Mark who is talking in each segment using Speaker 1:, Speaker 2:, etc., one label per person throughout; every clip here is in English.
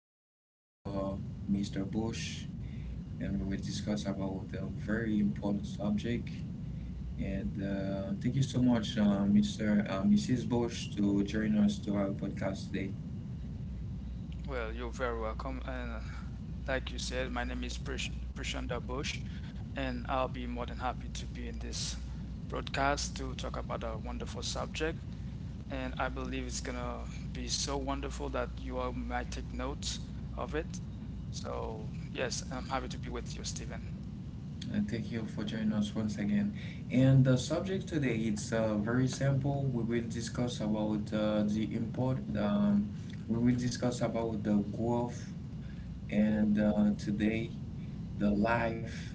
Speaker 1: are with Mr. Bush, and we will discuss about a very important subject. And thank you so much, uh, Mr. Uh, Mrs. Bush, to join us to our podcast today.
Speaker 2: Well, you're very welcome. And like you said, my name is Prashanda Bush, and I'll be more than happy to be in this broadcast to talk about a wonderful subject. And I believe it's gonna be so wonderful that you all might take notes of it. So, yes, I'm happy to be with you, Stephen.
Speaker 1: Thank you for joining us once again. And the subject today it's very simple. We will discuss about the import. We will discuss about the growth and today the life,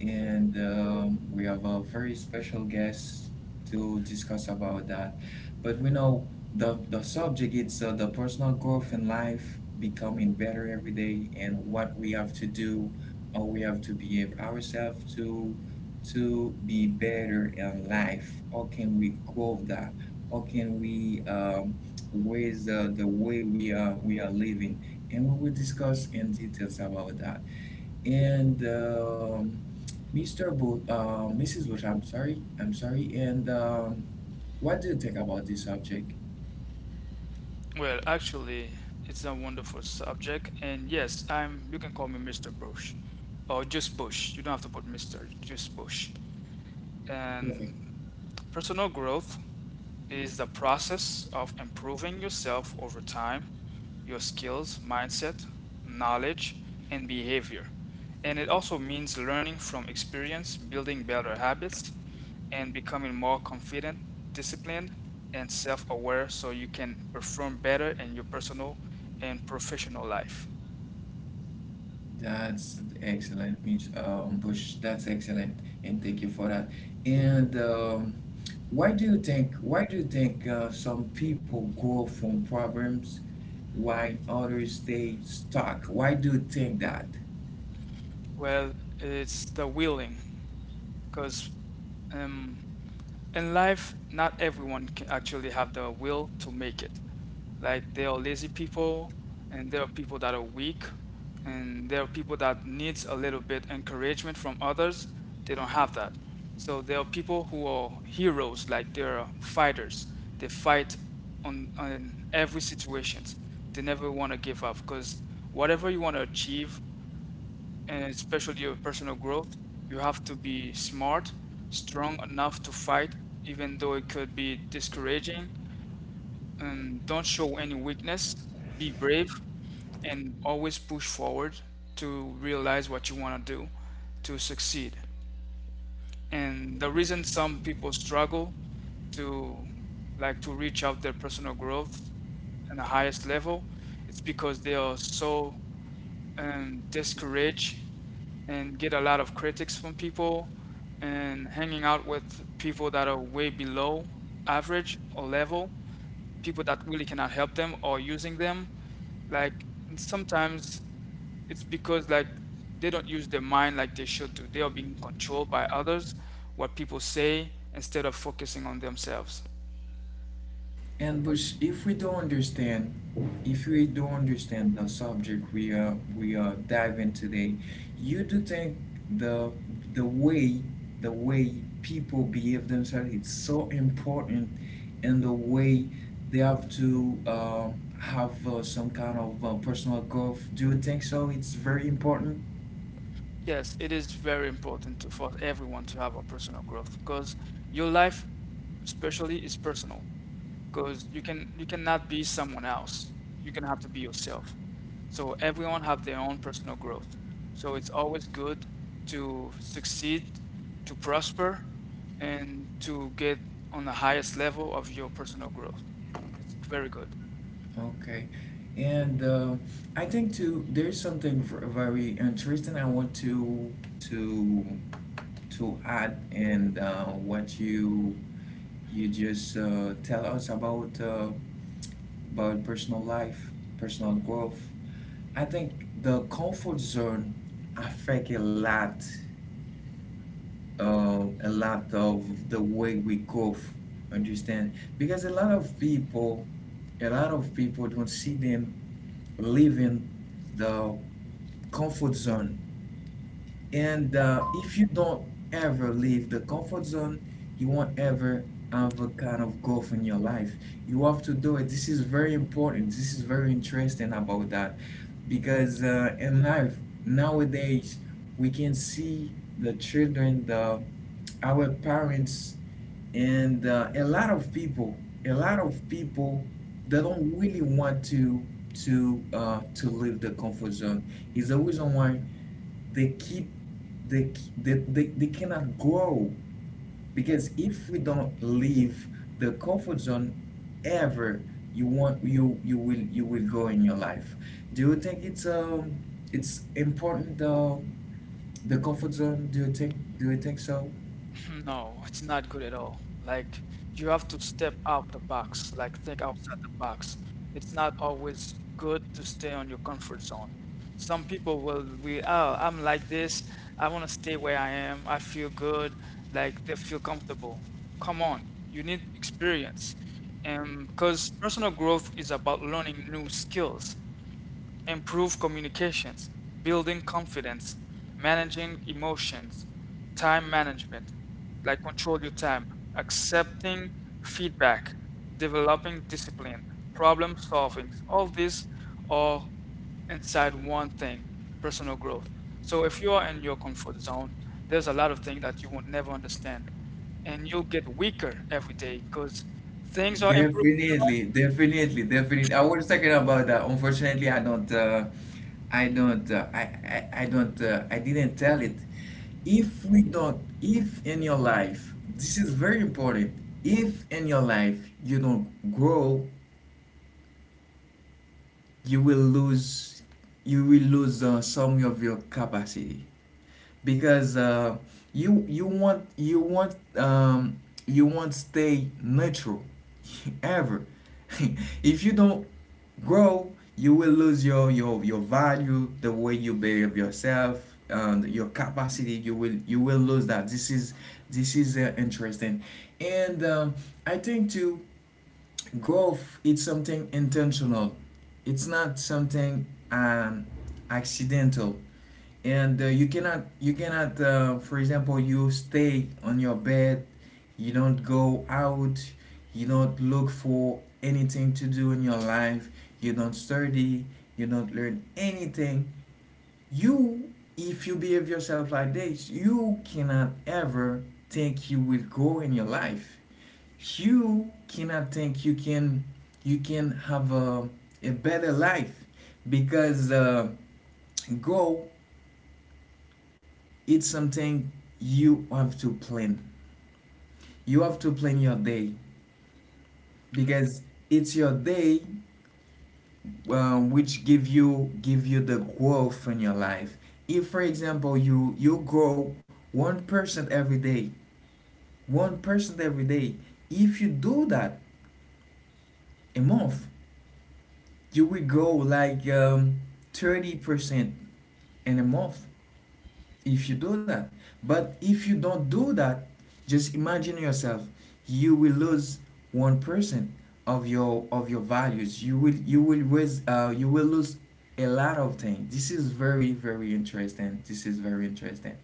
Speaker 1: and we have a very special guest to discuss about that. But we know the subject it's the personal growth in life, becoming better every day, and what we have to do, how we have to behave ourselves to be better in life. How can we grow that? How can we raise the way we are living? And we will discuss in details about that, and Mrs. Bush, I'm sorry, I'm sorry. And what do you think about this subject?
Speaker 2: Well, actually, it's a wonderful subject, and yes, I'm. you can call me Mr. Bush, or just Bush. You don't have to put Mr. Just Bush. And personal growth is the process of improving yourself over time, your skills, mindset, knowledge, and behavior. And it also means learning from experience, building better habits, and becoming more confident, disciplined, and self aware so you can perform better in your personal and professional life.
Speaker 1: That's excellent, Miss Bush. That's excellent, and thank you for that. And Why do you think some people grow from problems while others stay stuck? Why do you think that?
Speaker 2: Well, it's the willing, because um, in life, not everyone can actually have the will to make it. Like there are lazy people, and there are people that are weak, and there are people that needs a little bit encouragement from others. They don't have that. So there are people who are heroes, like they're fighters. They fight on every situations. They never want to give up because whatever you want to achieve, and especially your personal growth, you have to be smart, strong enough to fight, even though it could be discouraging. And don't show any weakness, be brave, and always push forward to realize what you want to do to succeed, and the reason some people struggle to, like, to reach out their personal growth and the highest level, it's because they are so discouraged and get a lot of critics from people and hanging out with people that are way below average or level, people that really cannot help them or using them, like. And sometimes it's because, like, they don't use their mind like they should do. They are being controlled by others, what people say, instead of focusing on themselves.
Speaker 1: And but if we don't understand, if we don't understand the subject we are diving today, you do think the the way the way people behave themselves it's so important, and the way they have to have some kind of personal growth. Do you think so? It's very important.
Speaker 2: Yes, it is very important to, for everyone to have a personal growth, because your life, especially, is personal. Because you cannot be someone else. You can have to be yourself. So everyone have their own personal growth. So it's always good to succeed, to prosper, and to get on the highest level of your personal growth. It's very good.
Speaker 1: Okay, and I think too there's something very interesting I want to to add, and what you just tell us about personal life, personal growth. I think the comfort zone affect a lot of the way we grow. Understand? Because a lot of people, a lot of people don't see them leaving the comfort zone. And if you don't ever leave the comfort zone, you won't ever have a kind of growth in your life. You have to do it. This is very important. This is very interesting about that because in life nowadays we can see the children, the our parents, and a lot of people, a lot of people, they don't really want to leave the comfort zone. Is the reason why they keep they, they cannot grow, because if we don't leave the comfort zone ever, you will you will go in your life. Do you think it's important the comfort zone? Do you think so?
Speaker 2: No, it's not good at all. Like, you have to step out the box, like think outside the box. It's not always good to stay on your comfort zone. Some people will we, oh, I'm like this, I want to stay where I am, I feel good, like they feel comfortable. Come on, you need experience. And because personal growth is about learning new skills, improve communications, building confidence, managing emotions, time management, like control your time, accepting feedback, developing discipline, problem solving. All these are inside one thing, personal growth. So if you are in your comfort zone, there's a lot of things that you will never understand, and you'll get weaker every day because things are improving.
Speaker 1: Definitely, definitely, definitely. I was talking about that. Unfortunately, I don't, I don't, I don't, I didn't tell it. If we don't, If in your life, this is very important. If in your life you don't grow, you will lose, you will lose some of your capacity, because you you want you want um, you want stay natural ever. If you don't grow, you will lose your value, the way you behave yourself, and your capacity. You will lose that. This is interesting, and I think too, growth it's something intentional. It's not something accidental, and you cannot for example, you stay on your bed, you don't go out, you don't look for anything to do in your life, you don't study, you don't learn anything. You If you behave yourself like this, you cannot ever think you will grow in your life. You cannot think you can have a better life, because go it's something you have to plan. You have to plan your day, because it's your day, which give you the growth in your life. If, for example, you grow 1% every day, 1% every day. If you do that a month, you will go like 30% in a month, if you do that. But if you don't do that, just imagine yourself, you will lose 1% of your values. You will lose a lot of things. This is very, very interesting. This is very interesting.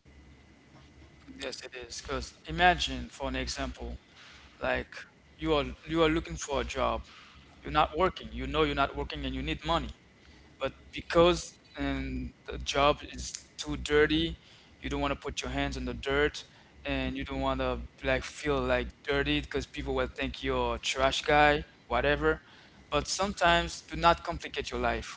Speaker 2: Yes, it is. Because imagine, for an example, like, you are looking for a job, you're not working. You know you're not working, and you need money. But because, and the job is too dirty, you don't want to put your hands in the dirt, and you don't want to like feel like dirty because people will think you're a trash guy, whatever. But sometimes do not complicate your life.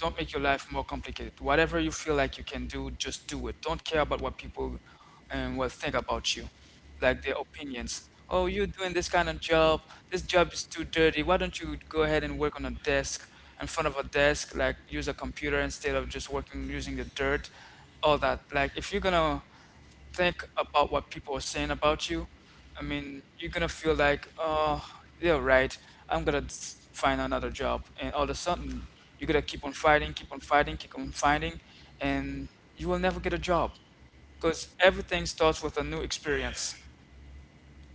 Speaker 2: Don't make your life more complicated. Whatever you feel like you can do, just do it. Don't care about what people will think about you, like their opinions. Oh, you're doing this kind of job. This job is too dirty. Why don't you go ahead and work on a desk, in front of a desk, like use a computer instead of just working using the dirt, all that. Like if you're gonna think about what people are saying about you, I mean, you're gonna feel like, oh, yeah, right. I'm gonna find another job, and all of a sudden, you're gonna keep on fighting, keep on fighting, keep on fighting, and you will never get a job because everything starts with a new experience.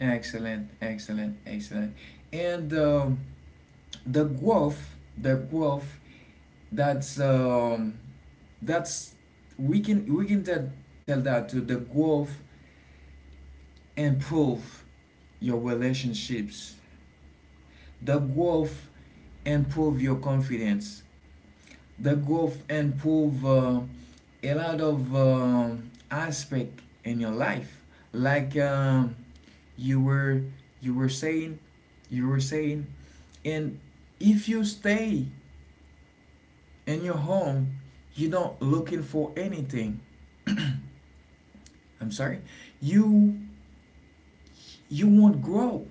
Speaker 1: Excellent, excellent, excellent. And the growth. That's um, that's We can we can tell that. To the growth, improve your relationships. The growth improve your confidence. The growth improve a lot of aspect in your life. Like you were you were saying, you were saying, and if you stay in your home, you don't looking for anything. I'm sorry, you you won't grow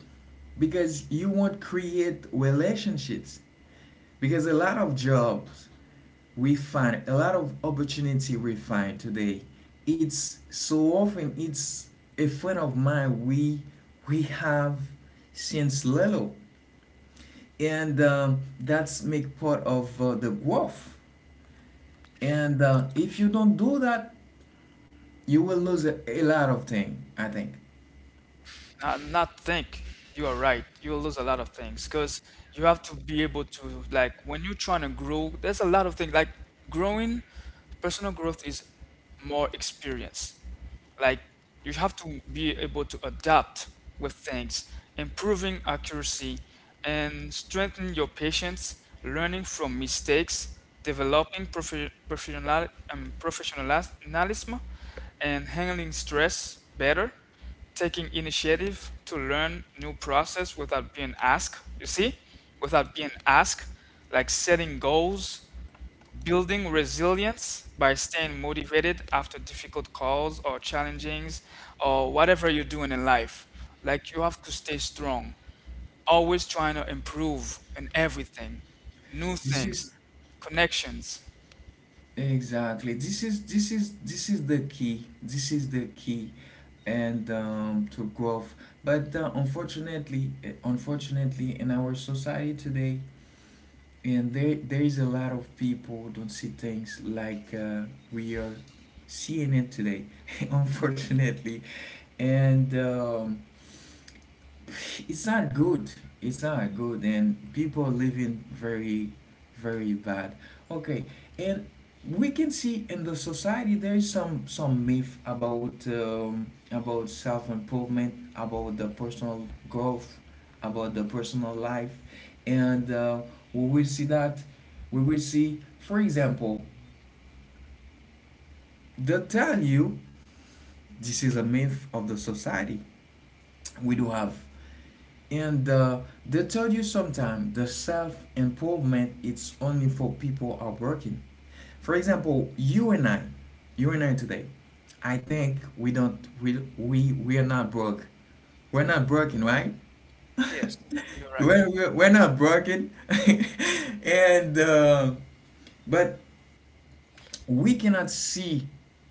Speaker 1: because you won't create relationships, because a lot of jobs we find, a lot of opportunity we find today, it's so often it's a friend of mine we have since little, and that's make part of the growth. And if you don't do that, you will lose a lot of thing, I think.
Speaker 2: Not think. You are right. You'll lose a lot of things because you have to be able to, like, when you're trying to grow. There's a lot of things like growing. Personal growth is more experience. Like, you have to be able to adapt with things, improving accuracy, and strengthen your patience. Learning from mistakes, developing professional professionalism, and handling stress better, taking initiative to learn new process without being asked, you see, without being asked, like setting goals, building resilience by staying motivated after difficult calls or challengings or whatever you're doing in life. Like, you have to stay strong, always trying to improve in everything, new
Speaker 1: This
Speaker 2: things,
Speaker 1: is
Speaker 2: connections.
Speaker 1: Exactly. This is the key. This is the key, and to growth. But unfortunately, in our society today, and there is a lot of people don't see things like we are seeing it today. Unfortunately, and it's not good. It's not good, and people are living very, very bad. Okay, and we can see in the society there is some myth about self improvement, about the personal growth, about the personal life, and we will see that we will see, for example, they tell you, this is a myth of the society. We do have. And they tell you sometimes the self improvement it's only for people who are working. For example, you and I today, I think we we are not broke. We're not broken, right?
Speaker 2: Yes, you're right.
Speaker 1: We're not broken, and but we cannot see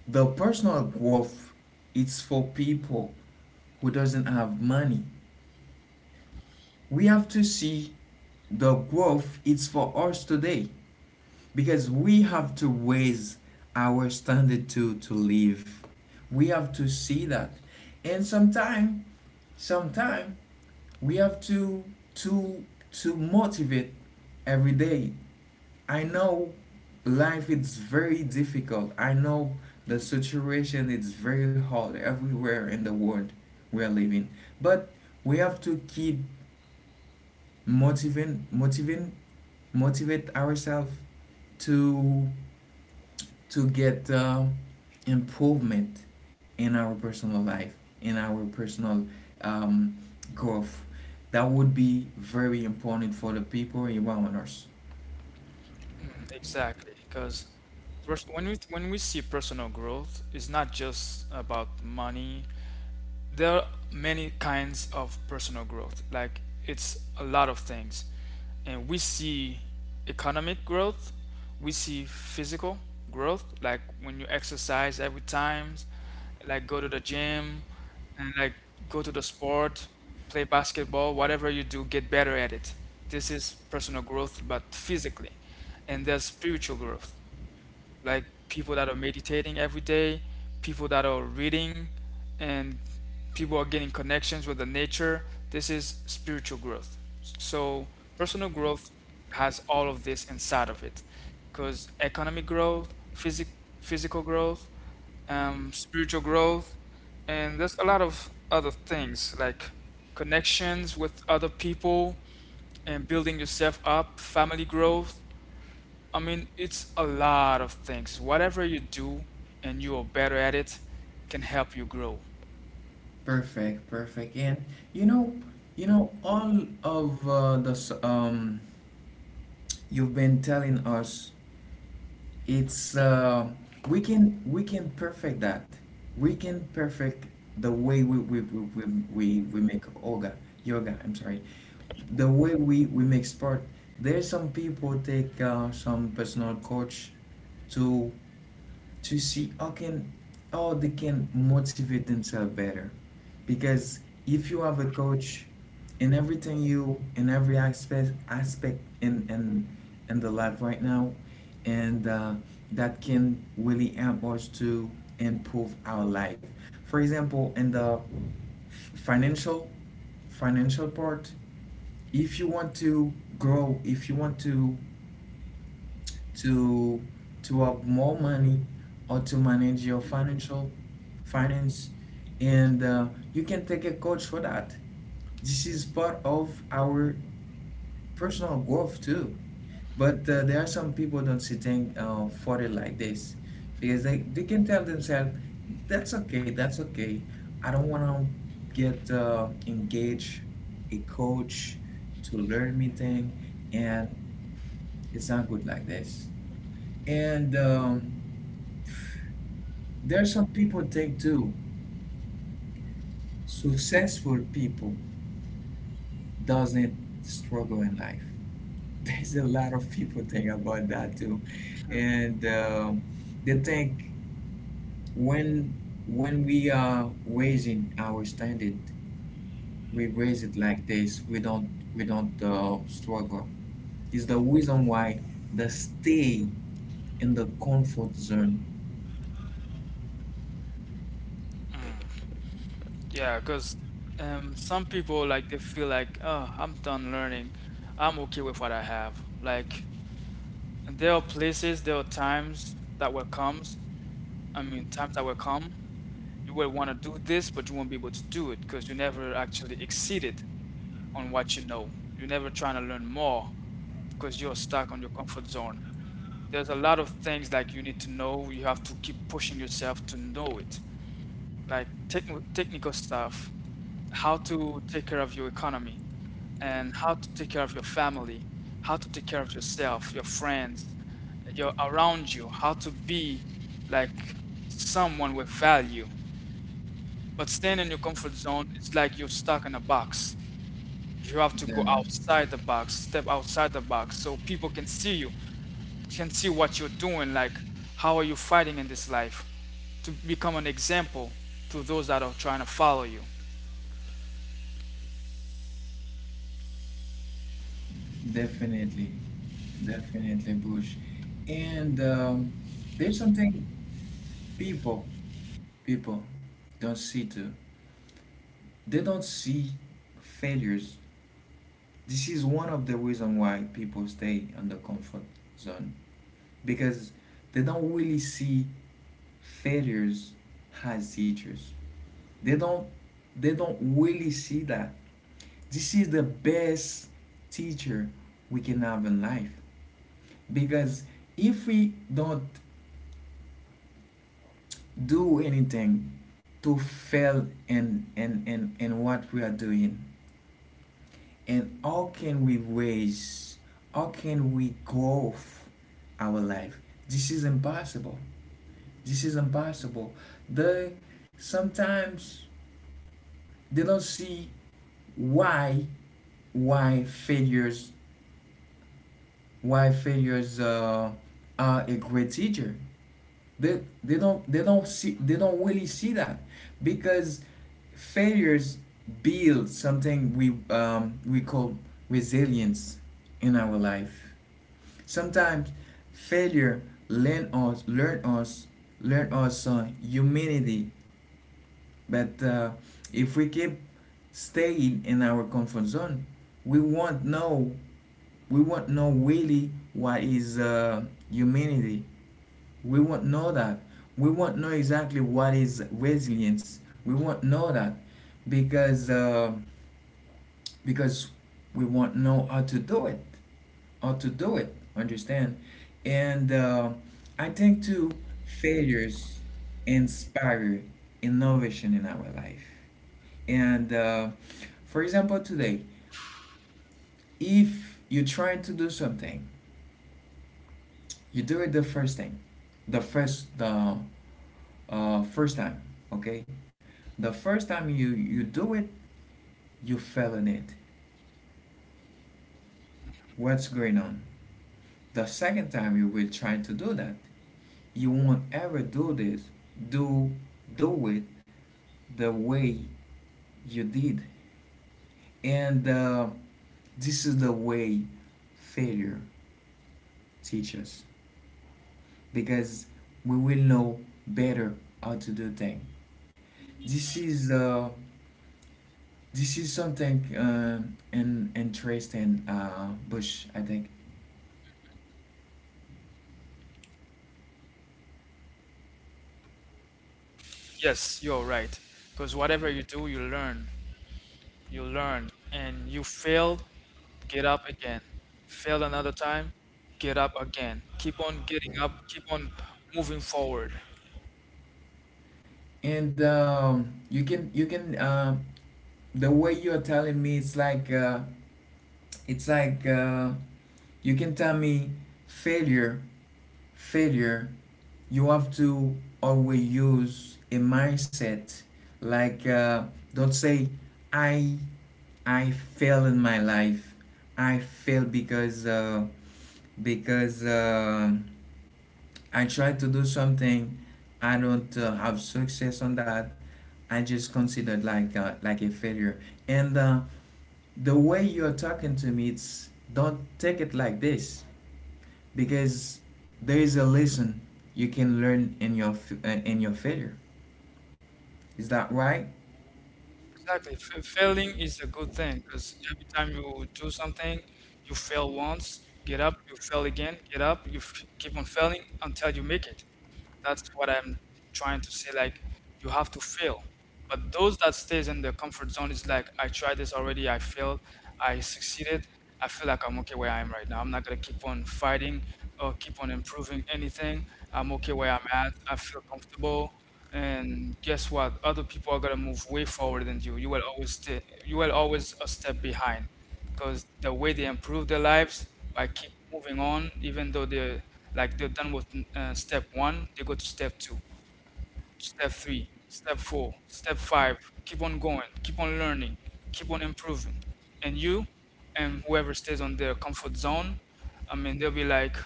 Speaker 1: the personal growth. It's for people who doesn't have money. We have to see the growth it's for us today, because we have to raise our standard to live. We have to see that. And sometime we have to to motivate every day. I know life is very difficult. I know the situation is very hard everywhere in the world we are living. But we have to keep motivate motivate ourselves to to get improvement in our personal life, in our personal um, growth. That would be very important for the people around us.
Speaker 2: Mm. Exactly, because when we see personal growth, it's not just about money. There are many kinds of personal growth. Like, it's a lot of things. And we see economic growth, we see physical growth, like when you exercise every time, like go to the gym, and like go to the sport, play basketball, whatever you do, get better at it. This is personal growth, but physically. And there's spiritual growth, like people that are meditating every day, people that are reading, and people are getting connections with the nature. This is spiritual growth. So personal growth has all of this inside of it, because economic growth, physical growth, spiritual growth, and there's a lot of other things like connections with other people and building yourself up, family growth. I mean, it's a lot of things. Whatever you do and you are better at it can help you grow.
Speaker 1: Perfect, perfect. And you know you know all of you've been telling us. It's we can perfect that. We can perfect the way we make yoga. I'm sorry, the way we make sport. There's some people take some personal coach to to see how can how they can motivate themselves better, because if you have a coach in everything, you in every aspect in in the life right now, and that can really help us to improve our life. For example, in the financial financial part, if you want to grow, if you want to to have more money, or to manage your financial finance, and you can take a coach for that. This is part of our personal growth too. But there are some people don't see things for it like this, because they can tell themselves, that's okay, that's okay, I don't want to get engaged a coach to learn me thing. And it's not good like this. And there are some people think too. Successful people doesn't struggle in life. There's a lot of people think about that too, and they think when when we are raising our standard, we raise it like this. We don't struggle. It's the reason why they stay in the comfort zone.
Speaker 2: Yeah, because some people, like, they feel like, oh, I'm done learning. I'm okay with what I have. Like. And there are places, there are times that will come. I mean, times that will come. You will want to do this, but you won't be able to do it because you never actually exceeded on what you know. You're never trying to learn more because you're stuck on your comfort zone. There's a lot of things like you need to know. You have to keep pushing yourself to know it, like technical stuff, how to take care of your economy, and how to take care of your family, how to take care of yourself, your friends, your around you, how to be like someone with value. But staying in your comfort zone, it's like you're stuck in a box. You have to go outside the box, step outside the box so people can see you, can see what you're doing, like how are you fighting in this life to become an example to those that are trying to follow you.
Speaker 1: Definitely, definitely, Bush, and. There's something people people don't see to they don't see failures. This is one of the reasons why people stay on the comfort zone, because they don't really see failures as teachers. they don't they don't really see that this is the best teacher we can have in life. Because if we don't do anything to fail in, what we are doing, and how can we raise, how can we grow our life? This is impossible. This is impossible. They Sometimes they don't see why why failures, why failures are a great teacher. They don't see, they don't really see that, because failures build something we call resilience in our life. Sometimes failure learn us learn us learn us humanity. But if we keep staying in our comfort zone, we won't know we won't know really what is humanity. We won't know that. We won't know exactly what is resilience. We won't know that because. Uh, because we won't know how to do it. Understand? And I think too, failures inspire innovation in our life. And for example, today, if you're trying to do something, you do it the first time, okay? The first time you do it, you fail in it. What's going on? The second time you will try to do that. You won't ever do this. Do do it the way you did. And this is the way failure teaches because we will know better how to do things. This is uh, this is something in interesting Bush, I think.
Speaker 2: Yes, you're right. Because whatever you do, you learn. You learn. And you failed, get up again. Failed another time, get up again. Keep on getting up, keep on moving forward.
Speaker 1: And you can the way you are telling me, it's like you can tell me failure failure, you have to always use a mindset like don't say I I fail in my life. I fail because I tried to do something. I don't have success on that. I just considered like a failure. And the way you're talking to me, it's don't take it like this because there is a lesson you can learn in your failure. Is that right?
Speaker 2: Exactly. F Failing is a good thing because every time you do something, you fail once, get up, you fail again, get up, you f keep on failing until you make it. That's what I'm trying to say. Like, you have to fail. But those that stays in their comfort zone is like, I tried this already, I failed, I succeeded. I feel like I'm okay where I am right now. I'm not gonna keep on fighting or keep on improving anything. I'm okay where I'm at. I feel comfortable, and guess what, other people are going to move way forward than you. You will always stay, you will always a step behind, because the way they improve their lives by keep moving on, even though they're, like, they're done with step one, they go to step two, step three, step four, step five. Keep on going, keep on learning, keep on improving. And you, and whoever stays on their comfort zone, I mean, they'll be like,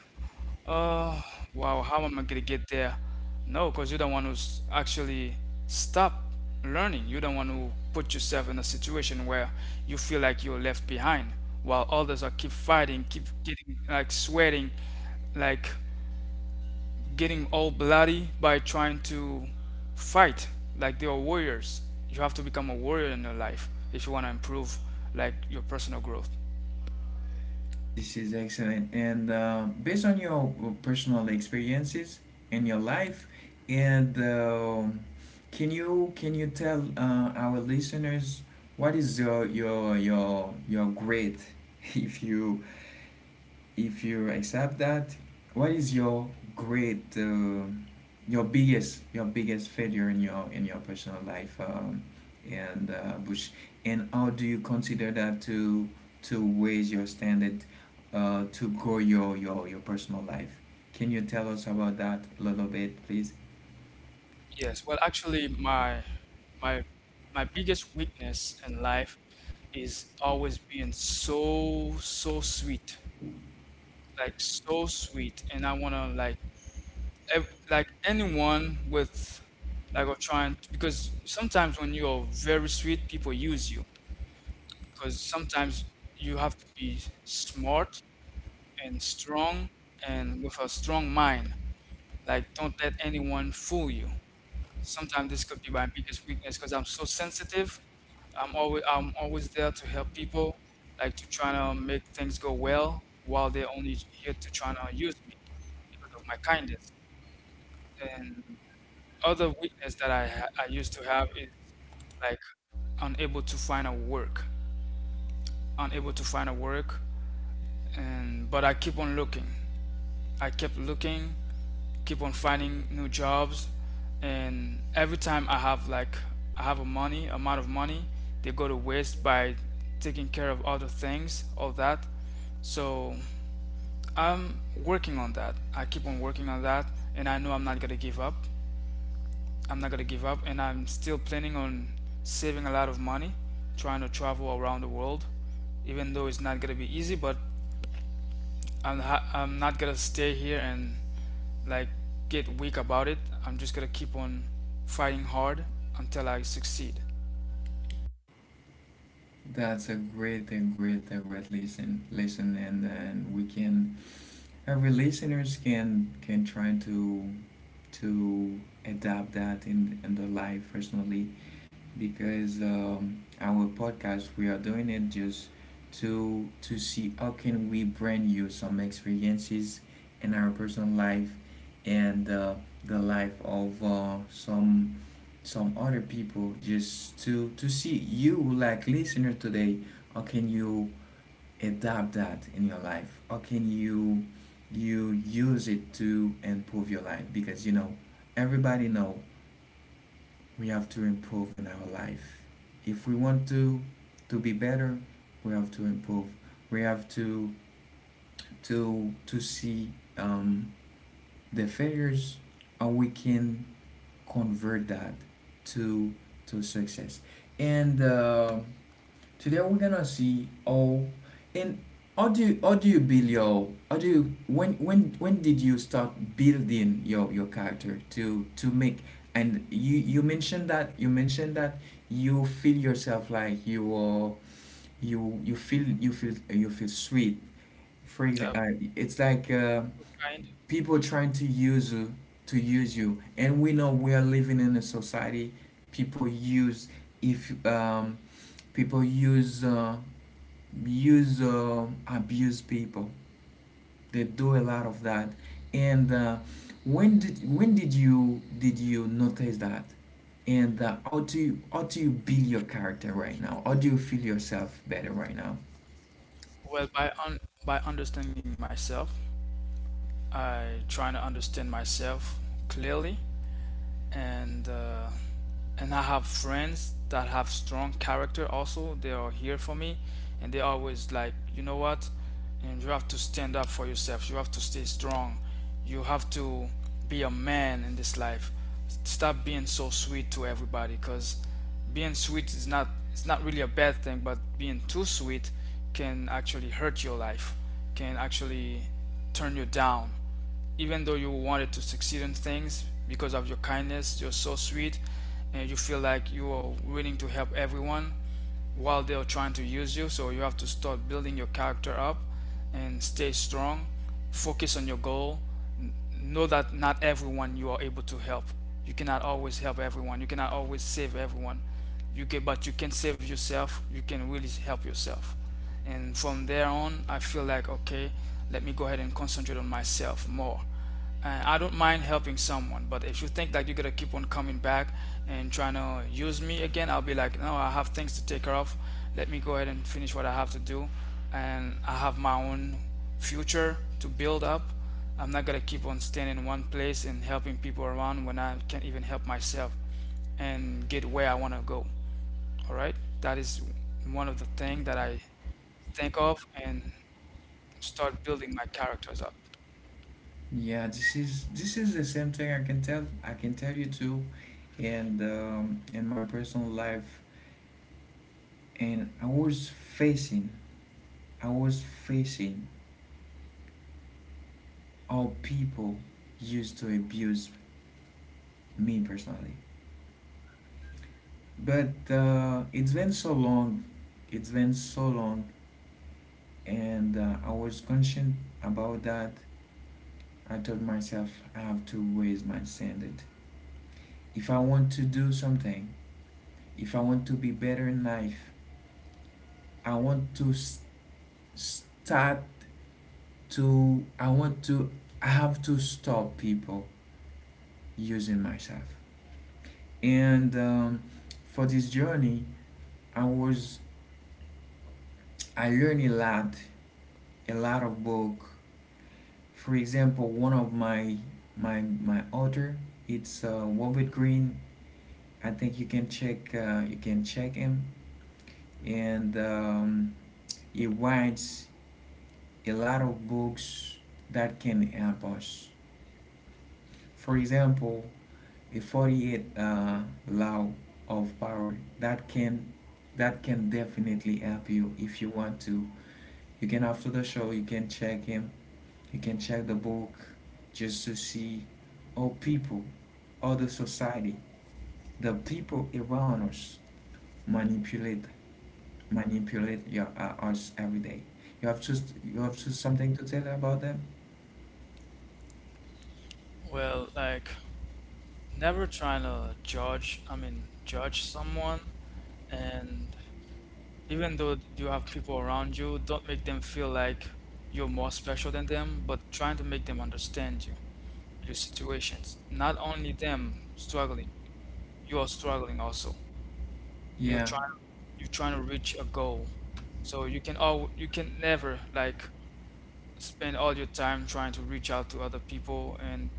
Speaker 2: oh, wow, how am I gonna get there? No, because you don't want to actually stop learning. You don't want to put yourself in a situation where you feel like you're left behind while others are keep fighting, keep getting, like, sweating, like getting all bloody by trying to fight like they are warriors. You have to become a warrior in your life if you want to improve, like, your personal growth.
Speaker 1: This is excellent. And based on your personal experiences in your life, and can you tell our listeners what is your grade if you, if you accept that, what is your great, your biggest failure in your personal life, and Bush, and how do you consider that to raise your standard, to grow your personal life? Can you tell us about that a little bit, please?
Speaker 2: Yes, well, actually, my my biggest weakness in life is always being so sweet, like so sweet, and I wanna like like anyone with, like, or trying, because sometimes when you are very sweet, people use you. Because sometimes you have to be smart and strong and with a strong mind. Like, don't let anyone fool you. Sometimes this could be my biggest weakness because I'm so sensitive. I'm always there to help people, like to try to make things go well, while they're only here to try to use me because of my kindness. And other weakness that I used to have is like unable to find a work, unable to find a work and but I keep on looking. I kept looking, keep on finding new jobs, and every time I have like I have a money amount of money, they go to waste by taking care of other things, all that. So I'm working on that. I keep on working on that, and I know I'm not gonna give up. I'm not gonna give up, and I'm still planning on saving a lot of money, trying to travel around the world, even though it's not gonna be easy, but I'm I'm not gonna stay here and like get weak about it. I'm just gonna keep on fighting hard until I succeed.
Speaker 1: That's a great, a great, a great listen, and we can every listeners can try to adapt that in the life personally because our podcast we are doing it just to see how can we bring you some experiences in our personal life and the life of some other people just to see you like listener today, how can you adapt that in your life? How can you use it to improve your life? Because you know, everybody know we have to improve in our life. If we want to be better, we have to improve. We have to see the failures, how we can convert that to to success. And Today we're gonna see how, and how do you build your, how do you, when did you start building your character to make. And you mentioned that, you mentioned that you feel yourself like you are, you feel you feel you feel sweet for
Speaker 2: Uh,
Speaker 1: example, it's like
Speaker 2: Kind
Speaker 1: people trying to use you to use you, and we know we are living in a society. People use, if um, people use use abuse people. They do a lot of that. And When did you, did you notice that? And how do you, how do you build your character right now? How do you feel yourself better right now?
Speaker 2: of, well, by understanding myself, I trying to understand myself clearly and uh, and I have friends that have strong character also, they are here for me, and they always like, you know what, and you have to stand up for yourself, you have to stay strong, you have to be a man in this life. Stop being so sweet to everybody, because being sweet is not, it's not really a bad thing, but being too sweet can actually hurt your life, can actually turn you down, even though you wanted to succeed in things. Because of your kindness, you're so sweet and you feel like you are willing to help everyone, while they are trying to use you. So you have to start building your character up and stay strong, focus on your goal, know that not everyone you are able to help. You cannot always help everyone, you cannot always save everyone. You can, but you can save yourself, you can really help yourself. And from there on, I feel like, okay, let me go ahead and concentrate on myself more. And I don't mind helping someone, but if you think that you're gonna keep on coming back and trying to use me again, I'll be like, no, I have things to take care of. Let me go ahead and finish what I have to do, and I have my own future to build up. I'm not gonna keep on staying in one place and helping people around when I can't even help myself and get where I want to go. All right, that is one of the things that I think of and start building my characters up.
Speaker 1: Yeah, this is, this is the same thing. I can tell you too. And in my personal life, and I was facing how people used to abuse me personally. But it's been so long, it's been so long, and I was conscious about that. I told myself I have to raise my standard. If I want to do something, if I want to be better in life, I want to start to, I want to, I have to stop people using myself. And for this journey, I was, I learned a lot of book. For example, one of my author, it's Robert Greene. I think you can check him, and he writes a lot of books that can help us. For example, a 48 law of power that can, that can definitely help you if you want to. You can, after the show, you can check him. You can check the book just to see how people, how the society, the people around us manipulate manipulate your us every day. You have to, you have to something to tell about that?
Speaker 2: Well, like never trying to judge, I mean, judge someone. And even though you have people around you, don't make them feel like you're more special than them, but trying to make them understand you, your situations. Not only them struggling, you are struggling also. You're
Speaker 1: Yeah,
Speaker 2: trying, you're trying to reach a goal. So you can all, you can never like spend all your time trying to reach out to other people and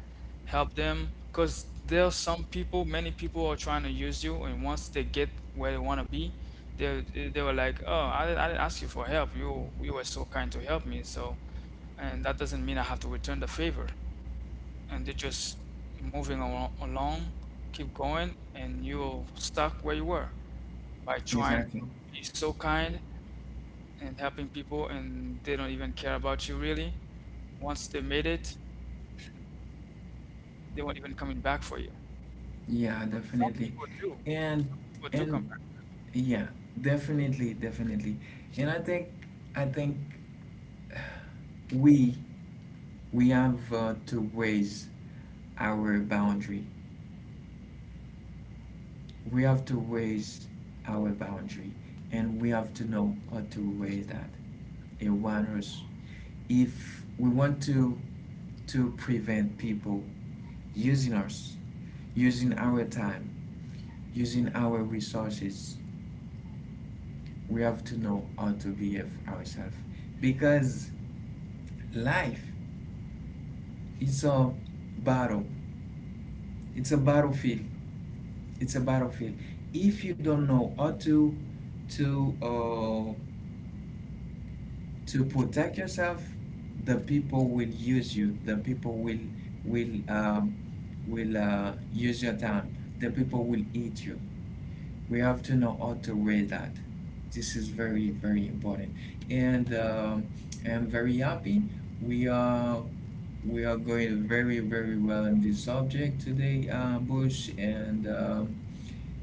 Speaker 2: help them, because there are some people, many people are trying to use you, and once they get where they want to be, they they were like, oh, I didn't ask you for help, you were so kind to help me, so and that doesn't mean I have to return the favor, and they're just moving along, along, keep going, and you're stuck where you were by trying to
Speaker 1: exactly.
Speaker 2: be so kind and helping people, and they don't even care about you really. Once they made it, they won't even coming back for you.
Speaker 1: Yeah,
Speaker 2: But some
Speaker 1: definitely.
Speaker 2: people do.
Speaker 1: And
Speaker 2: Some people do come
Speaker 1: and
Speaker 2: back.
Speaker 1: yeah, definitely, definitely. And I think, I think we we have to raise our boundary, we have to raise our boundary, and we have to know how to raise that awareness if we want to prevent people using us, using our time, using our resources. We have to know how to behave ourselves, because life is a battle, it's a battlefield, it's a battlefield. If you don't know how to uh, to protect yourself, the people will use you, the people will, will um, will use your time, the people will eat you. We have to know how to read that. This is very, very important. And I'm very happy we are, we are going very, very well in this subject today, Bush,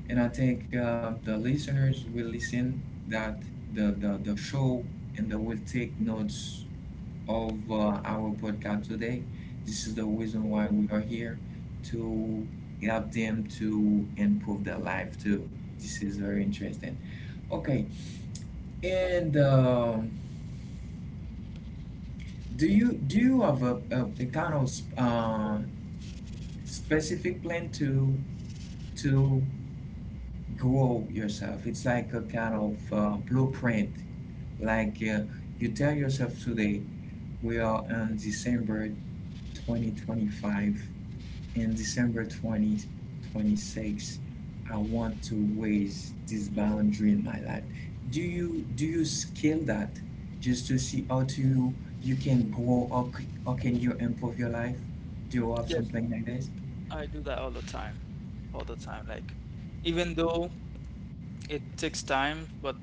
Speaker 1: and I think the listeners will listen that the show, and they will take notes of our podcast today. This is the reason why we are here to help them to improve their life too. This is very interesting. Okay, and do you, do you have a kind of specific plan to grow yourself? It's like a kind of blueprint. Like you tell yourself today, we are on December 2025. In December 2026, I want to raise this boundary in my life. Do you, do you scale that just to see how to you, you can grow, or, or can you improve your life? Do you have
Speaker 2: Yes,
Speaker 1: something like this?
Speaker 2: I do that all the time. All the time. Like, even though it takes time, but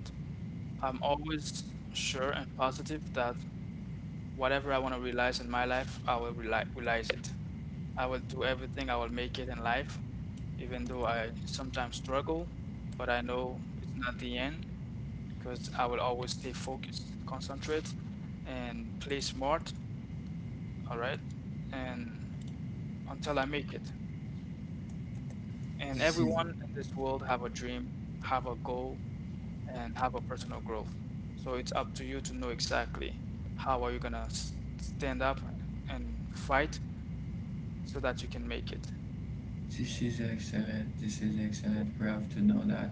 Speaker 2: I'm always sure and positive that whatever I want to realize in my life, I will realize it. I will do everything, I will make it in life, even though I sometimes struggle, but I know it's not the end. Because I will always stay focused, concentrate, and play smart. All right, and until I make it. And
Speaker 1: This is,
Speaker 2: everyone in this world have a dream, have a goal, and have a personal growth. So it's up to you to know exactly how are you gonna stand up and fight so that you can make it.
Speaker 1: this is excellent. This is excellent. We have to know that.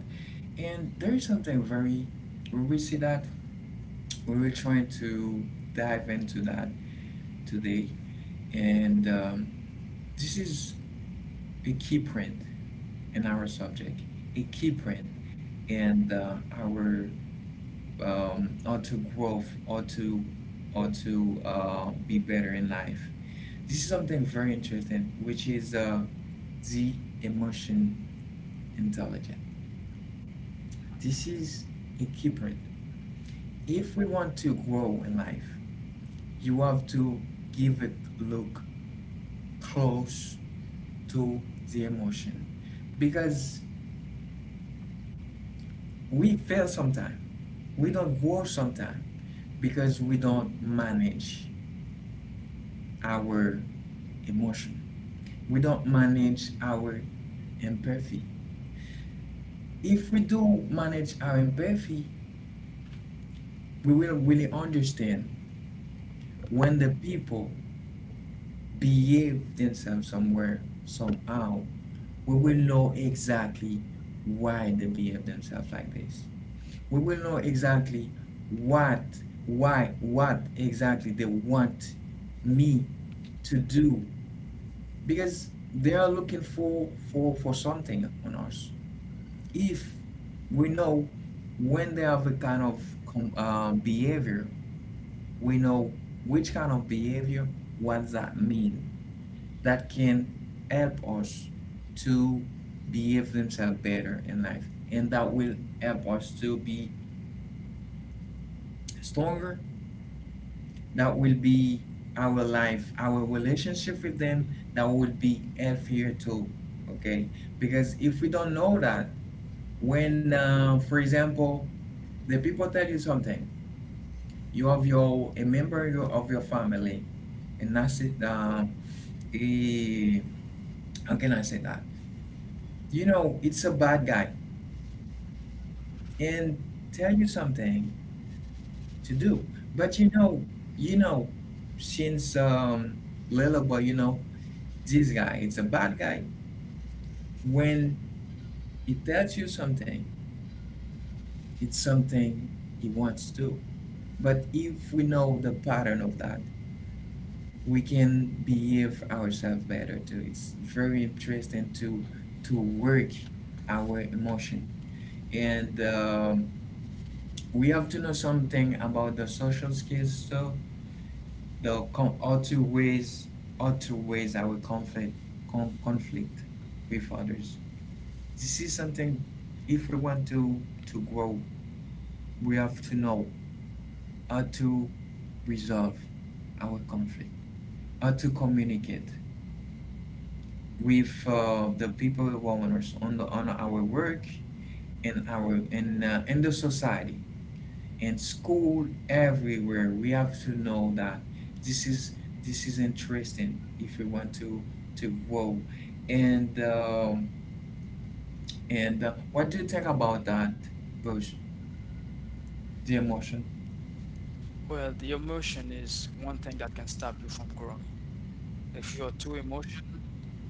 Speaker 1: And there is something very, we will see that, we were trying to dive into that today, and this is a key print in our subject, a key print in our or to growth or to be better in life. This is something very interesting, which is the emotion intelligent. This is a key point. If we want to grow in life, you have to give it look close to the emotion, because we fail sometimes, we don't grow sometimes because we don't manage our emotion. We don't manage our empathy. If we do manage our empathy, we will really understand when the people behave themselves somewhere, somehow. We will know exactly why they behave themselves like this. We will know exactly what, why, what exactly they want me to do, because they are looking for something on us. If we know when they have a kind of behavior, we know which kind of behavior, what that mean. That can help us to behave themselves better in life, and that will help us to be stronger. That will be our life, our relationship with them, that will be healthier too. Okay. Because if we don't know that, when, for example, the people tell you something, you have your a member your, of your family, and that's it, he, how can I say that, you know, it's a bad guy, and tell you something to do. But you know, you know, since little boy, you know, this guy, it's a bad guy. When he tells you something, it's something he wants to. But if we know the pattern of that, we can behave ourselves better too. It's very interesting to work our emotion, and we have to know something about the social skills too. The how to raise, how to raise our conflict, conflict with others. This is something, if we want to grow, we have to know how to resolve our conflict, how to communicate. With the people owners on the on our work and our in the society and school everywhere, we have to know that. This is this is interesting if we want to grow. And um, and uh, what do you think about that, Bush? The emotion.
Speaker 2: Well, the emotion is one thing that can stop you from growing. If you are too emotional,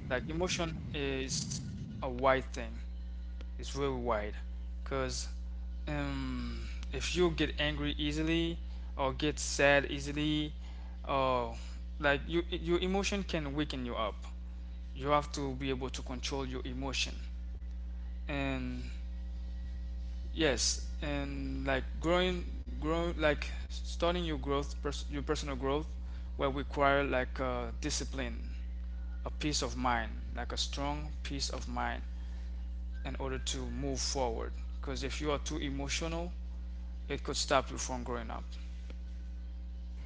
Speaker 2: like emotion is a wide thing. It's very wide, because um, if you get angry easily or get sad easily or your emotion can weaken you up. You have to be able to control your emotion. And yes, and like growing, grow like starting your growth, your personal growth will require like a discipline, a peace of mind, like a strong peace of mind in order to move forward. Because if you are too emotional, it could stop you from growing up.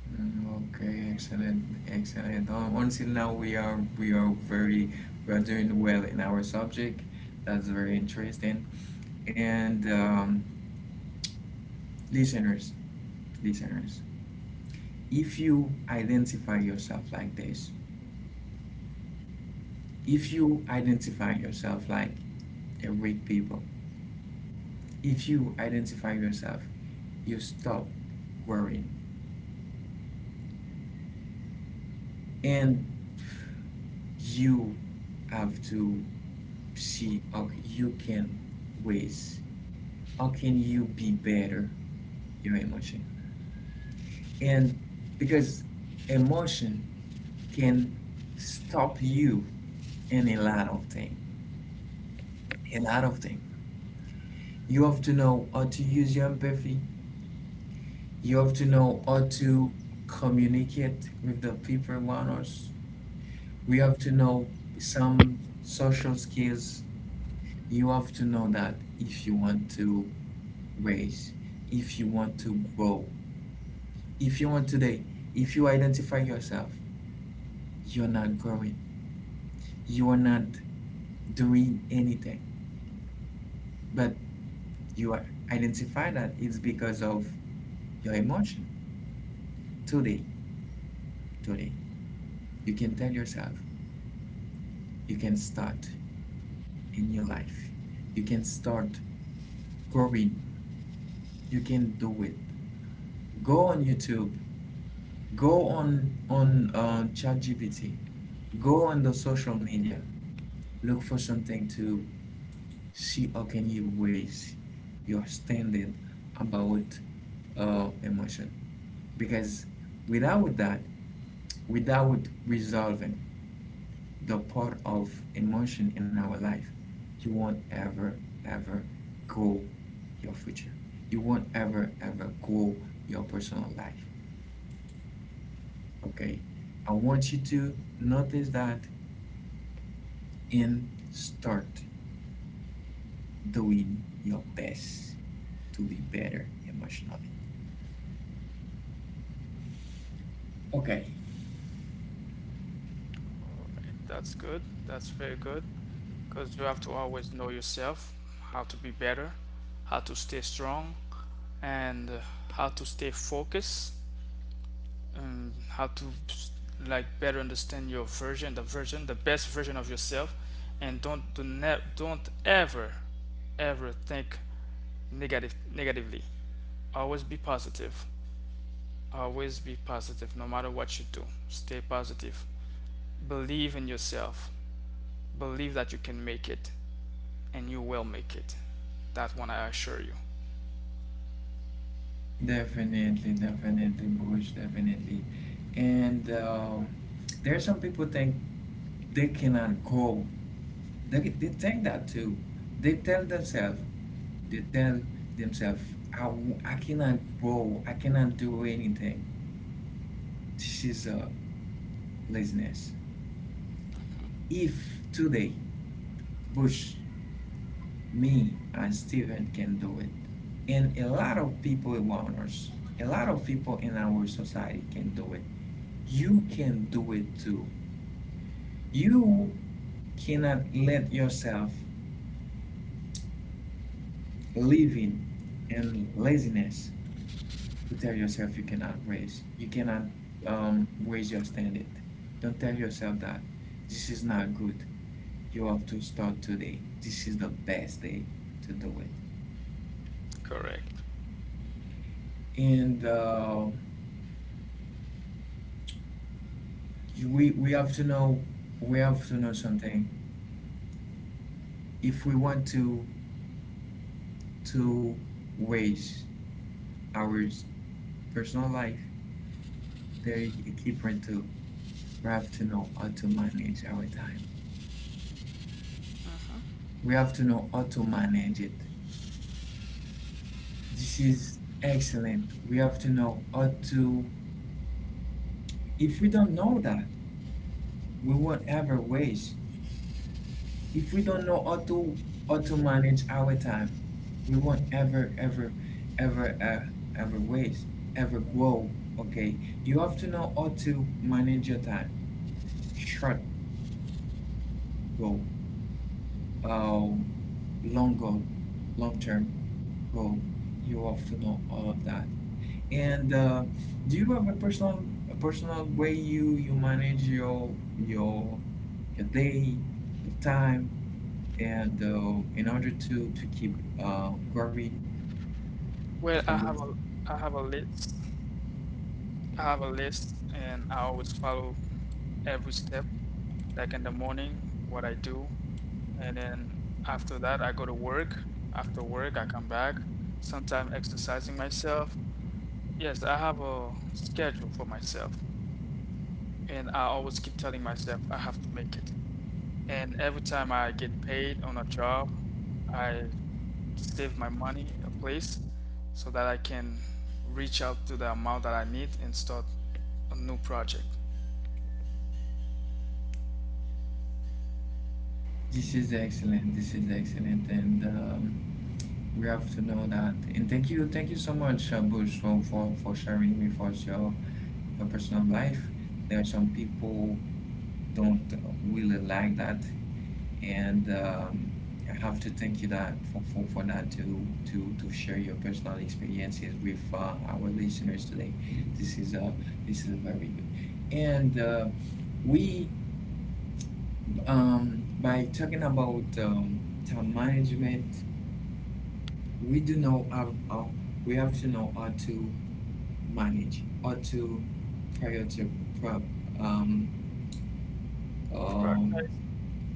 Speaker 1: Mm, okay, excellent, excellent. Until now, we are doing well in our subject. That's very interesting, and listeners, listeners, if you identify yourself like this, if you identify yourself like a weak people, if you identify yourself, you stop worrying, and you have to see how you can raise, how can you be better your emotion. And because emotion can stop you in a lot of things, a lot of things. You have to know how to use your empathy. You have to know how to communicate with the people around us. We have to know some social skills. You have to know that if you want to raise, if you want to grow, if you want today, if you identify yourself, you're not growing, you are not doing anything, but you are identify that it's because of your emotion today. Today, you can tell yourself. You can start in your life. You can start growing. You can do it. Go on YouTube. Go on ChatGPT. Go on the social media. Look for something to see how can you raise your standard about emotion. Because without that, without resolving, the part of emotion in our life. You won't ever, ever grow your future. You won't ever, ever grow your personal life. Okay? I want you to notice that and start doing your best to be better emotionally. Okay.
Speaker 2: All right. That's good. That's very good. Because you have to always know yourself, how to be better, how to stay strong, and how to stay focused, and how to like better understand your version, the best version of yourself, and don't do ne- don't ever, ever think negatively. Always be positive. Always be positive, no matter what you do. Stay positive. Believe in yourself. Believe that you can make it and you will make it. That one I assure you.
Speaker 1: Definitely, definitely, Bush, definitely. And there are some people think they cannot grow. They think that too. They tell themselves, they tell themselves, I cannot grow, I cannot do anything. This is laziness. If today, Bush, me, and Steven can do it, and a lot of people around us, a lot of people in our society can do it, you can do it too. You cannot let yourself living in laziness, to tell yourself you cannot raise. You cannot raise your standard. Don't tell yourself that this is not good. You have to start today. This is the best day to do it.
Speaker 2: Correct.
Speaker 1: And we have to know something. If we want to to raise our personal life, there is a key point too. We have to know how to manage our time. We have to know how to manage it. This is excellent. We have to know how to. If we don't know that, we won't ever waste. If we don't know how to manage our time, we won't ever uh, ever waste, ever grow. Okay, you have to know how to manage your time. Short goal, um, long goal, long term goal. You have to know all of that. And do you have a personal way you manage your your day, your time, and in order to keep growing,
Speaker 2: Well,
Speaker 1: Mr.
Speaker 2: I
Speaker 1: Booth?
Speaker 2: have a I have a list. I have a list and I always follow every step. Like in the morning, what I do, and then after that I go to work. After work I come back, sometimes exercising myself. Yes, I have a schedule for myself and I always keep telling myself I have to make it. And every time I get paid on a job, I save my money a place so that I can reach out to the amount that I need and start a new project.
Speaker 1: This is excellent. This is excellent, and we have to know that. And thank you so much, Bush, for sharing with us your personal life. There are some people don't really like that, and I have to thank you that for that to share your personal experiences with our listeners today. This is uh this is very good, and we, by talking about time management, we do know how we have to know how to manage how to prior pro, um, um,
Speaker 2: Prioritize.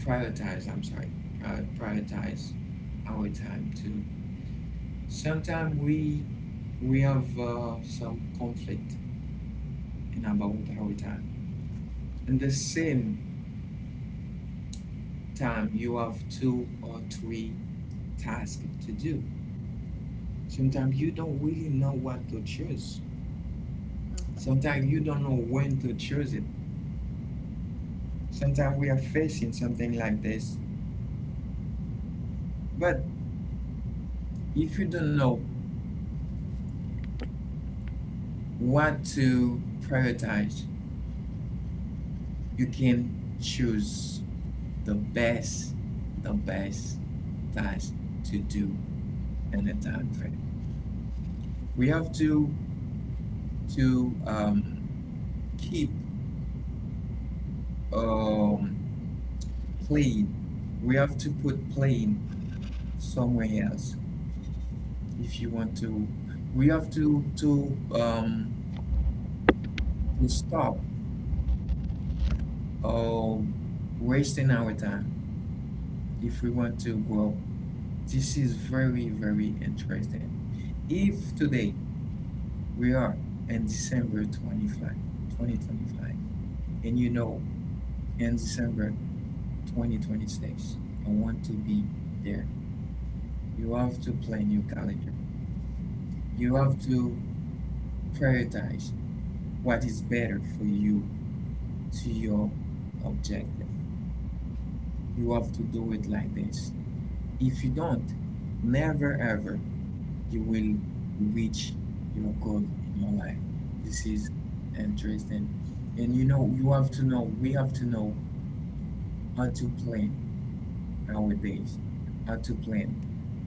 Speaker 1: prioritize. I'm sorry, prioritize our time to... Sometimes we have some conflict in about our time. In the same time, you have two or three tasks to do. Sometimes you don't really know what to choose. Sometimes you don't know when to choose it. Sometimes we are facing something like this. But if you don't know what to prioritize, you can choose the best, the best task to do in a time frame. We have to to um, keep um, playing. We have to put playing somewhere else if you want to. We have to stop um, wasting our time if we want to grow. This is very very interesting. If today we are in December 25th, 2025, and you know in December 2026, I want to be there. You have to plan your calendar. You have to prioritize what is better for you to your objective. You have to do it like this. If you don't, never ever you will reach your goal in your life. This is interesting. And you have to know, we have to know how to plan our days, how to plan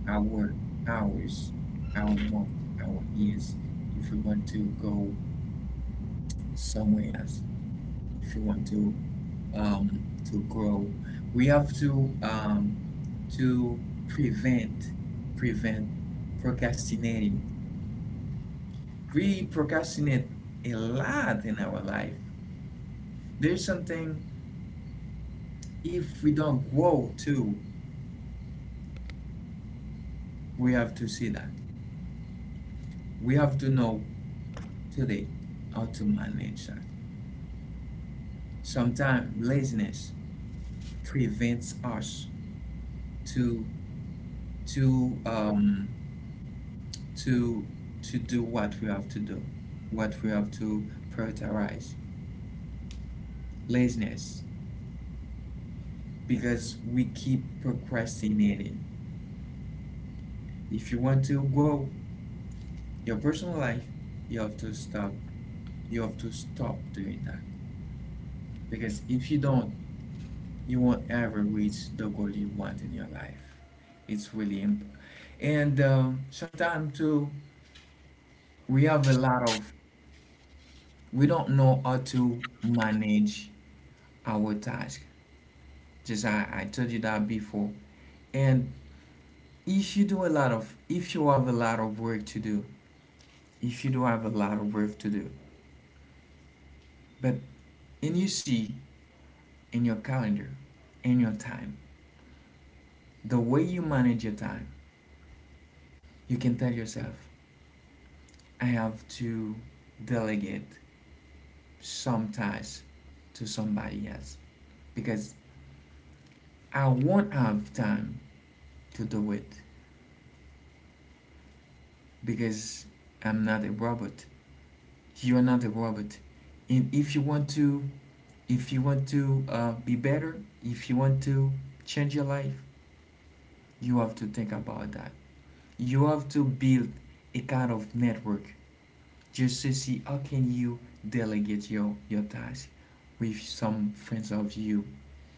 Speaker 1: our hours, our month, our years. If we want to go somewhere else if you want to grow. We have to to prevent prevent procrastinating. We procrastinate a lot in our life. There's something if we don't grow too, we have to see that. We have to know today how to manage that. Sometimes laziness prevents us to to um, to do what we have to do, what we have to prioritize. Laziness, because we keep procrastinating. If you want to grow your personal life, you have to stop. You have to stop doing that. Because if you don't, you won't ever reach the goal you want in your life. It's really important. And sometimes too, we have a lot of we don't know how to manage our task. Just I told you that before. And if you do a lot of if you have a lot of work to do, if you do have a lot of work to do, but and you see in your calendar, in your time, the way you manage your time, you can tell yourself, I have to delegate some tasks to somebody else because I won't have time to do it because I'm not a robot. You're not a robot. And if you want to be better, if you want to change your life, you have to think about that. You have to build a kind of network just to see how can you delegate your task with some friends of you,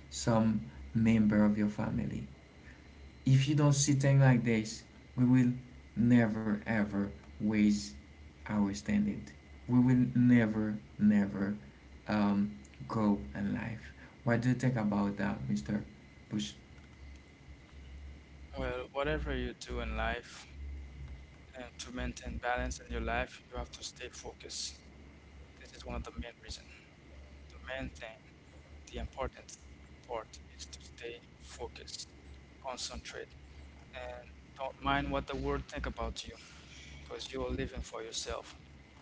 Speaker 1: some member of your family. If you don't see things like this, we will never ever raise our standard. We will never, never um, grow in life. What do you think about that, Mr. Bush?
Speaker 2: Well, whatever you do in life, and to maintain balance in your life, you have to stay focused. This is one of the main reasons. The main thing, the important part is to stay focused, concentrate, and don't mind what the world think about you. Because you're living for yourself.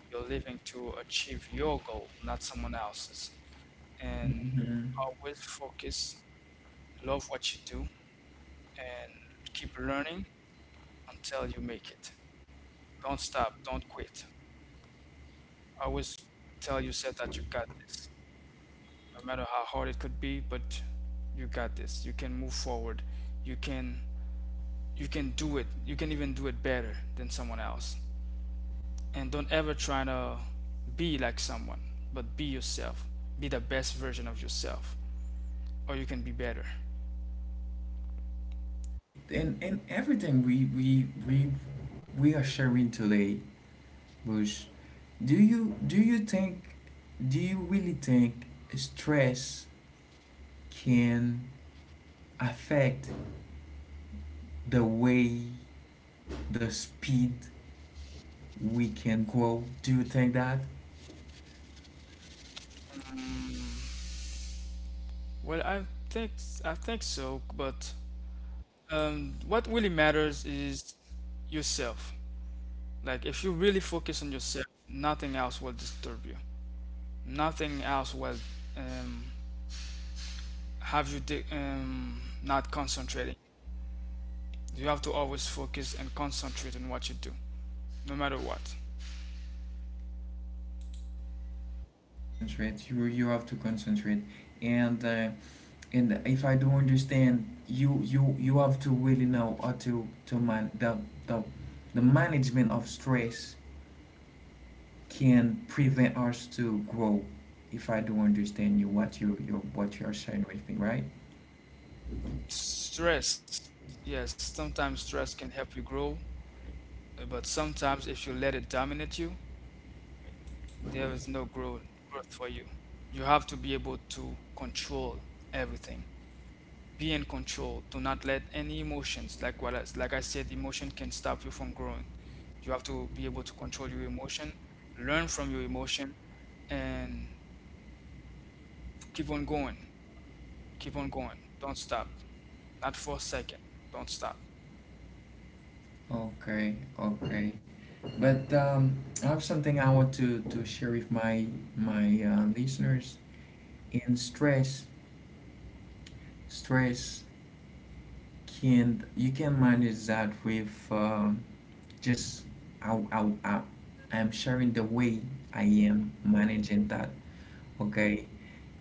Speaker 2: You're living to achieve your goal, not someone else's. And
Speaker 1: Mhm.
Speaker 2: always focus, love what you do, and keep learning until you make it. Don't stop, don't quit. Always tell yourself that you got this. No matter how hard it could be, but you got this. You can move forward. You can you can do it. You can even do it better than someone else. And don't ever try to be like someone, but be yourself. Be the best version of yourself, or you can be better.
Speaker 1: And everything we are sharing today, Bush. Do you really think stress can affect the way, the speed we can grow. Do you think that?
Speaker 2: Well, think I think so, but what really matters is yourself. Like if you really focus on yourself, nothing else will disturb you. Nothing else will um, not concentrating. You have to always focus and concentrate on what you do, no matter what.
Speaker 1: Concentrate. You have to concentrate, and uh, and if I don't understand, you have to really know how to man the the management of stress can prevent us to grow. If I don't understand you, what you are sharing with me, right?
Speaker 2: Stress, yes, sometimes stress can help you grow, but sometimes if you let it dominate you, there is no growth for you. You have to be able to control everything. Be in control. Do not let any emotions, like like I said, emotion can stop you from growing. You have to be able to control your emotion, learn from your emotion, and keep on going. Keep on going. Don't stop. Not for a second. Don't stop.
Speaker 1: Okay, okay. But I have something I want to share with my listeners. And stress can you can manage that with just I, I, I, I'm sharing the way I am managing that, okay,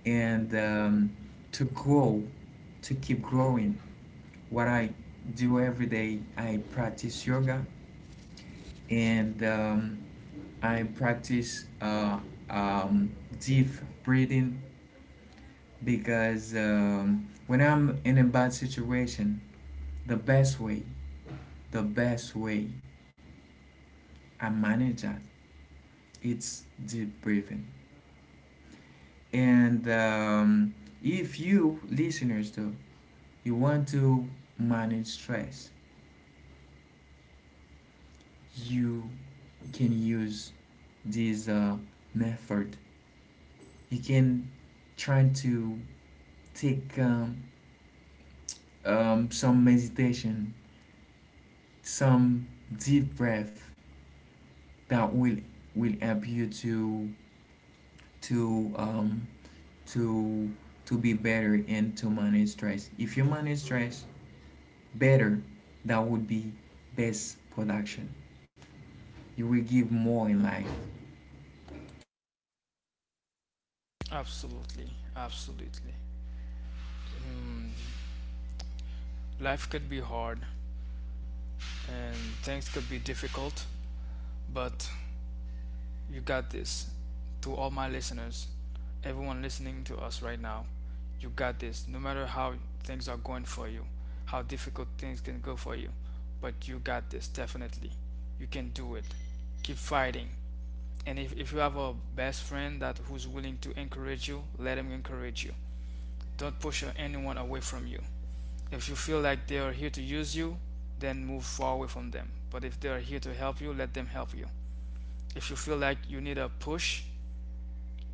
Speaker 1: and to grow to keep growing. What I do every day, I practice yoga, and I practice um, deep breathing, because when I'm in a bad situation, the best way, the best way I manage that, it's deep breathing. And if you, listeners, though, you want to manage stress, you can use this method. You can try to take some meditation, some deep breath that will help you to to um, to be better and to manage stress. If you manage stress better, that would be best production. You will give more in life.
Speaker 2: Absolutely, absolutely. Mm, life could be hard and things could be difficult, but you got this. To all my listeners, everyone listening to us right now, you got this. No matter how things are going for you, how difficult things can go for you, but you got this, definitely. You can do it. Keep fighting. And if you have a best friend that who's willing to encourage you, let him encourage you. Don't push anyone away from you. If you feel like they are here to use you, then move far away from them. But if they are here to help you, let them help you. If you feel like you need a push,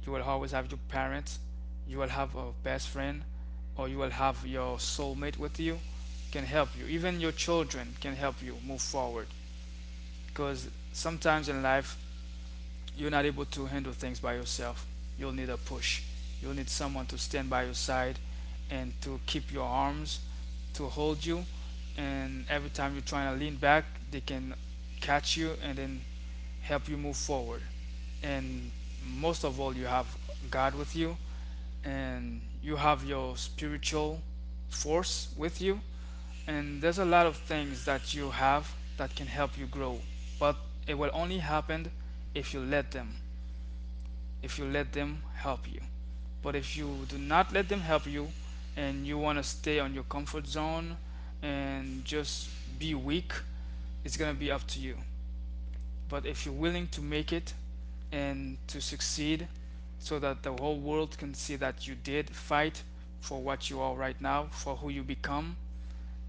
Speaker 2: you will always have your parents, you will have a best friend, or you will have your soulmate with you can help you. Even your children can help you move forward. Because sometimes in life, you're not able to handle things by yourself. You'll need a push. You'll need someone to stand by your side and to keep your arms to hold you. And every time you're trying to lean back, they can catch you and then help you move forward. And most of all, you have God with you and you have your spiritual force with you. And there's a lot of things that you have that can help you grow, but it will only happen if you let them if you let them help you. But if you do not let them help you and you want to stay on your comfort zone and just be weak, it's going to be up to you. But if you're willing to make it and to succeed so that the whole world can see that you did fight for what you are right now, for who you become,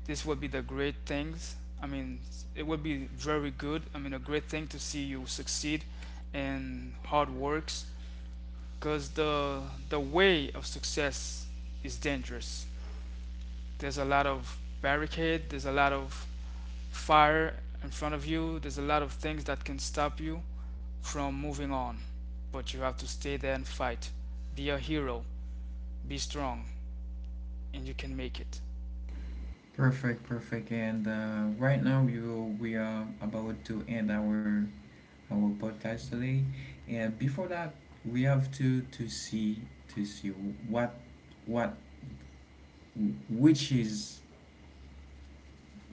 Speaker 2: this will be the great things. I mean, it would be very good. I mean, a great thing to see you succeed and hard works, because the way of success is dangerous. There's a lot of barricade, there's a lot of fire in front of you, there's a lot of things that can stop you from moving on, but you have to stay there and fight, be a hero, be strong, and you can make it.
Speaker 1: Perfect, perfect. And right now, you we are about to end our podcast today. And before that, we have to see what what which is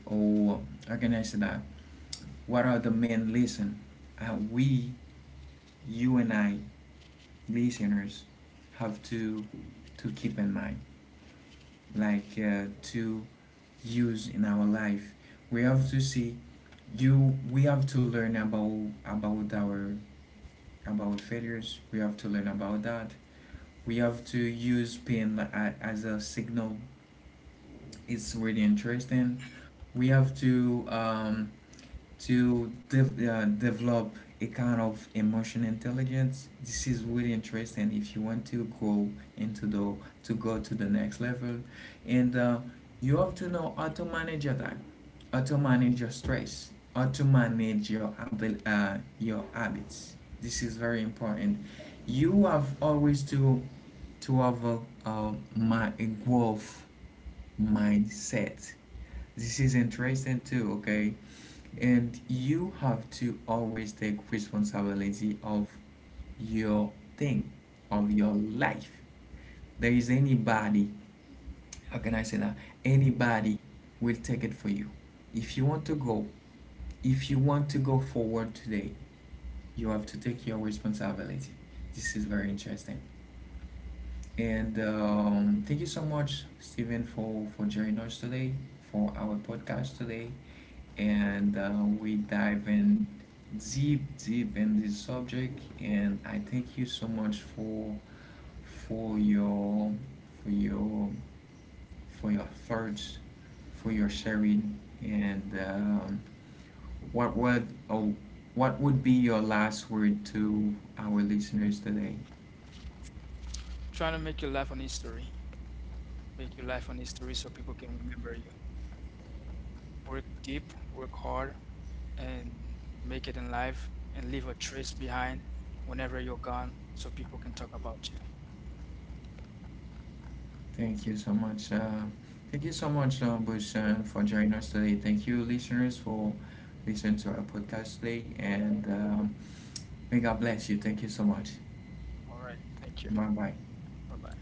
Speaker 1: or oh, how can I say that? What are the main lesson we you and I, listeners, have to keep in mind? Like to use in our life. We have to see you. We have to learn about our about failures. We have to learn about that. We have to use pain, as a signal. It's really interesting. We have to develop a kind of emotion intelligence. This is really interesting if you want to go into the to the next level. And you have to know how to manage your time, how to manage your stress, how to manage your habits. This is very important. You have always to have, a growth mindset. This is interesting too, okay. And you have to always take responsibility of your thing of your life. There is anybody, how can I say that, anybody will take it for you. If you want to go if you want to go forward today, you have to take your responsibility. This is very interesting. And thank you so much, Steven, for joining us today, for our podcast today. And we dive in deep, deep in this subject. And I thank you so much for your for your for your thoughts, for your sharing, and what would oh, what would be your last word to our listeners today?
Speaker 2: Trying to make your life an history, make your life an history so people can remember you. Work deep, work hard, and make it in life and leave a trace behind whenever you're gone so people can talk about you.
Speaker 1: Thank you so much. Thank you so much, Bushan, for joining us today. Thank you, listeners, for listening to our podcast today. And May God bless you. Thank you so much.
Speaker 2: All right. Thank you.
Speaker 1: Bye bye.
Speaker 2: Bye bye.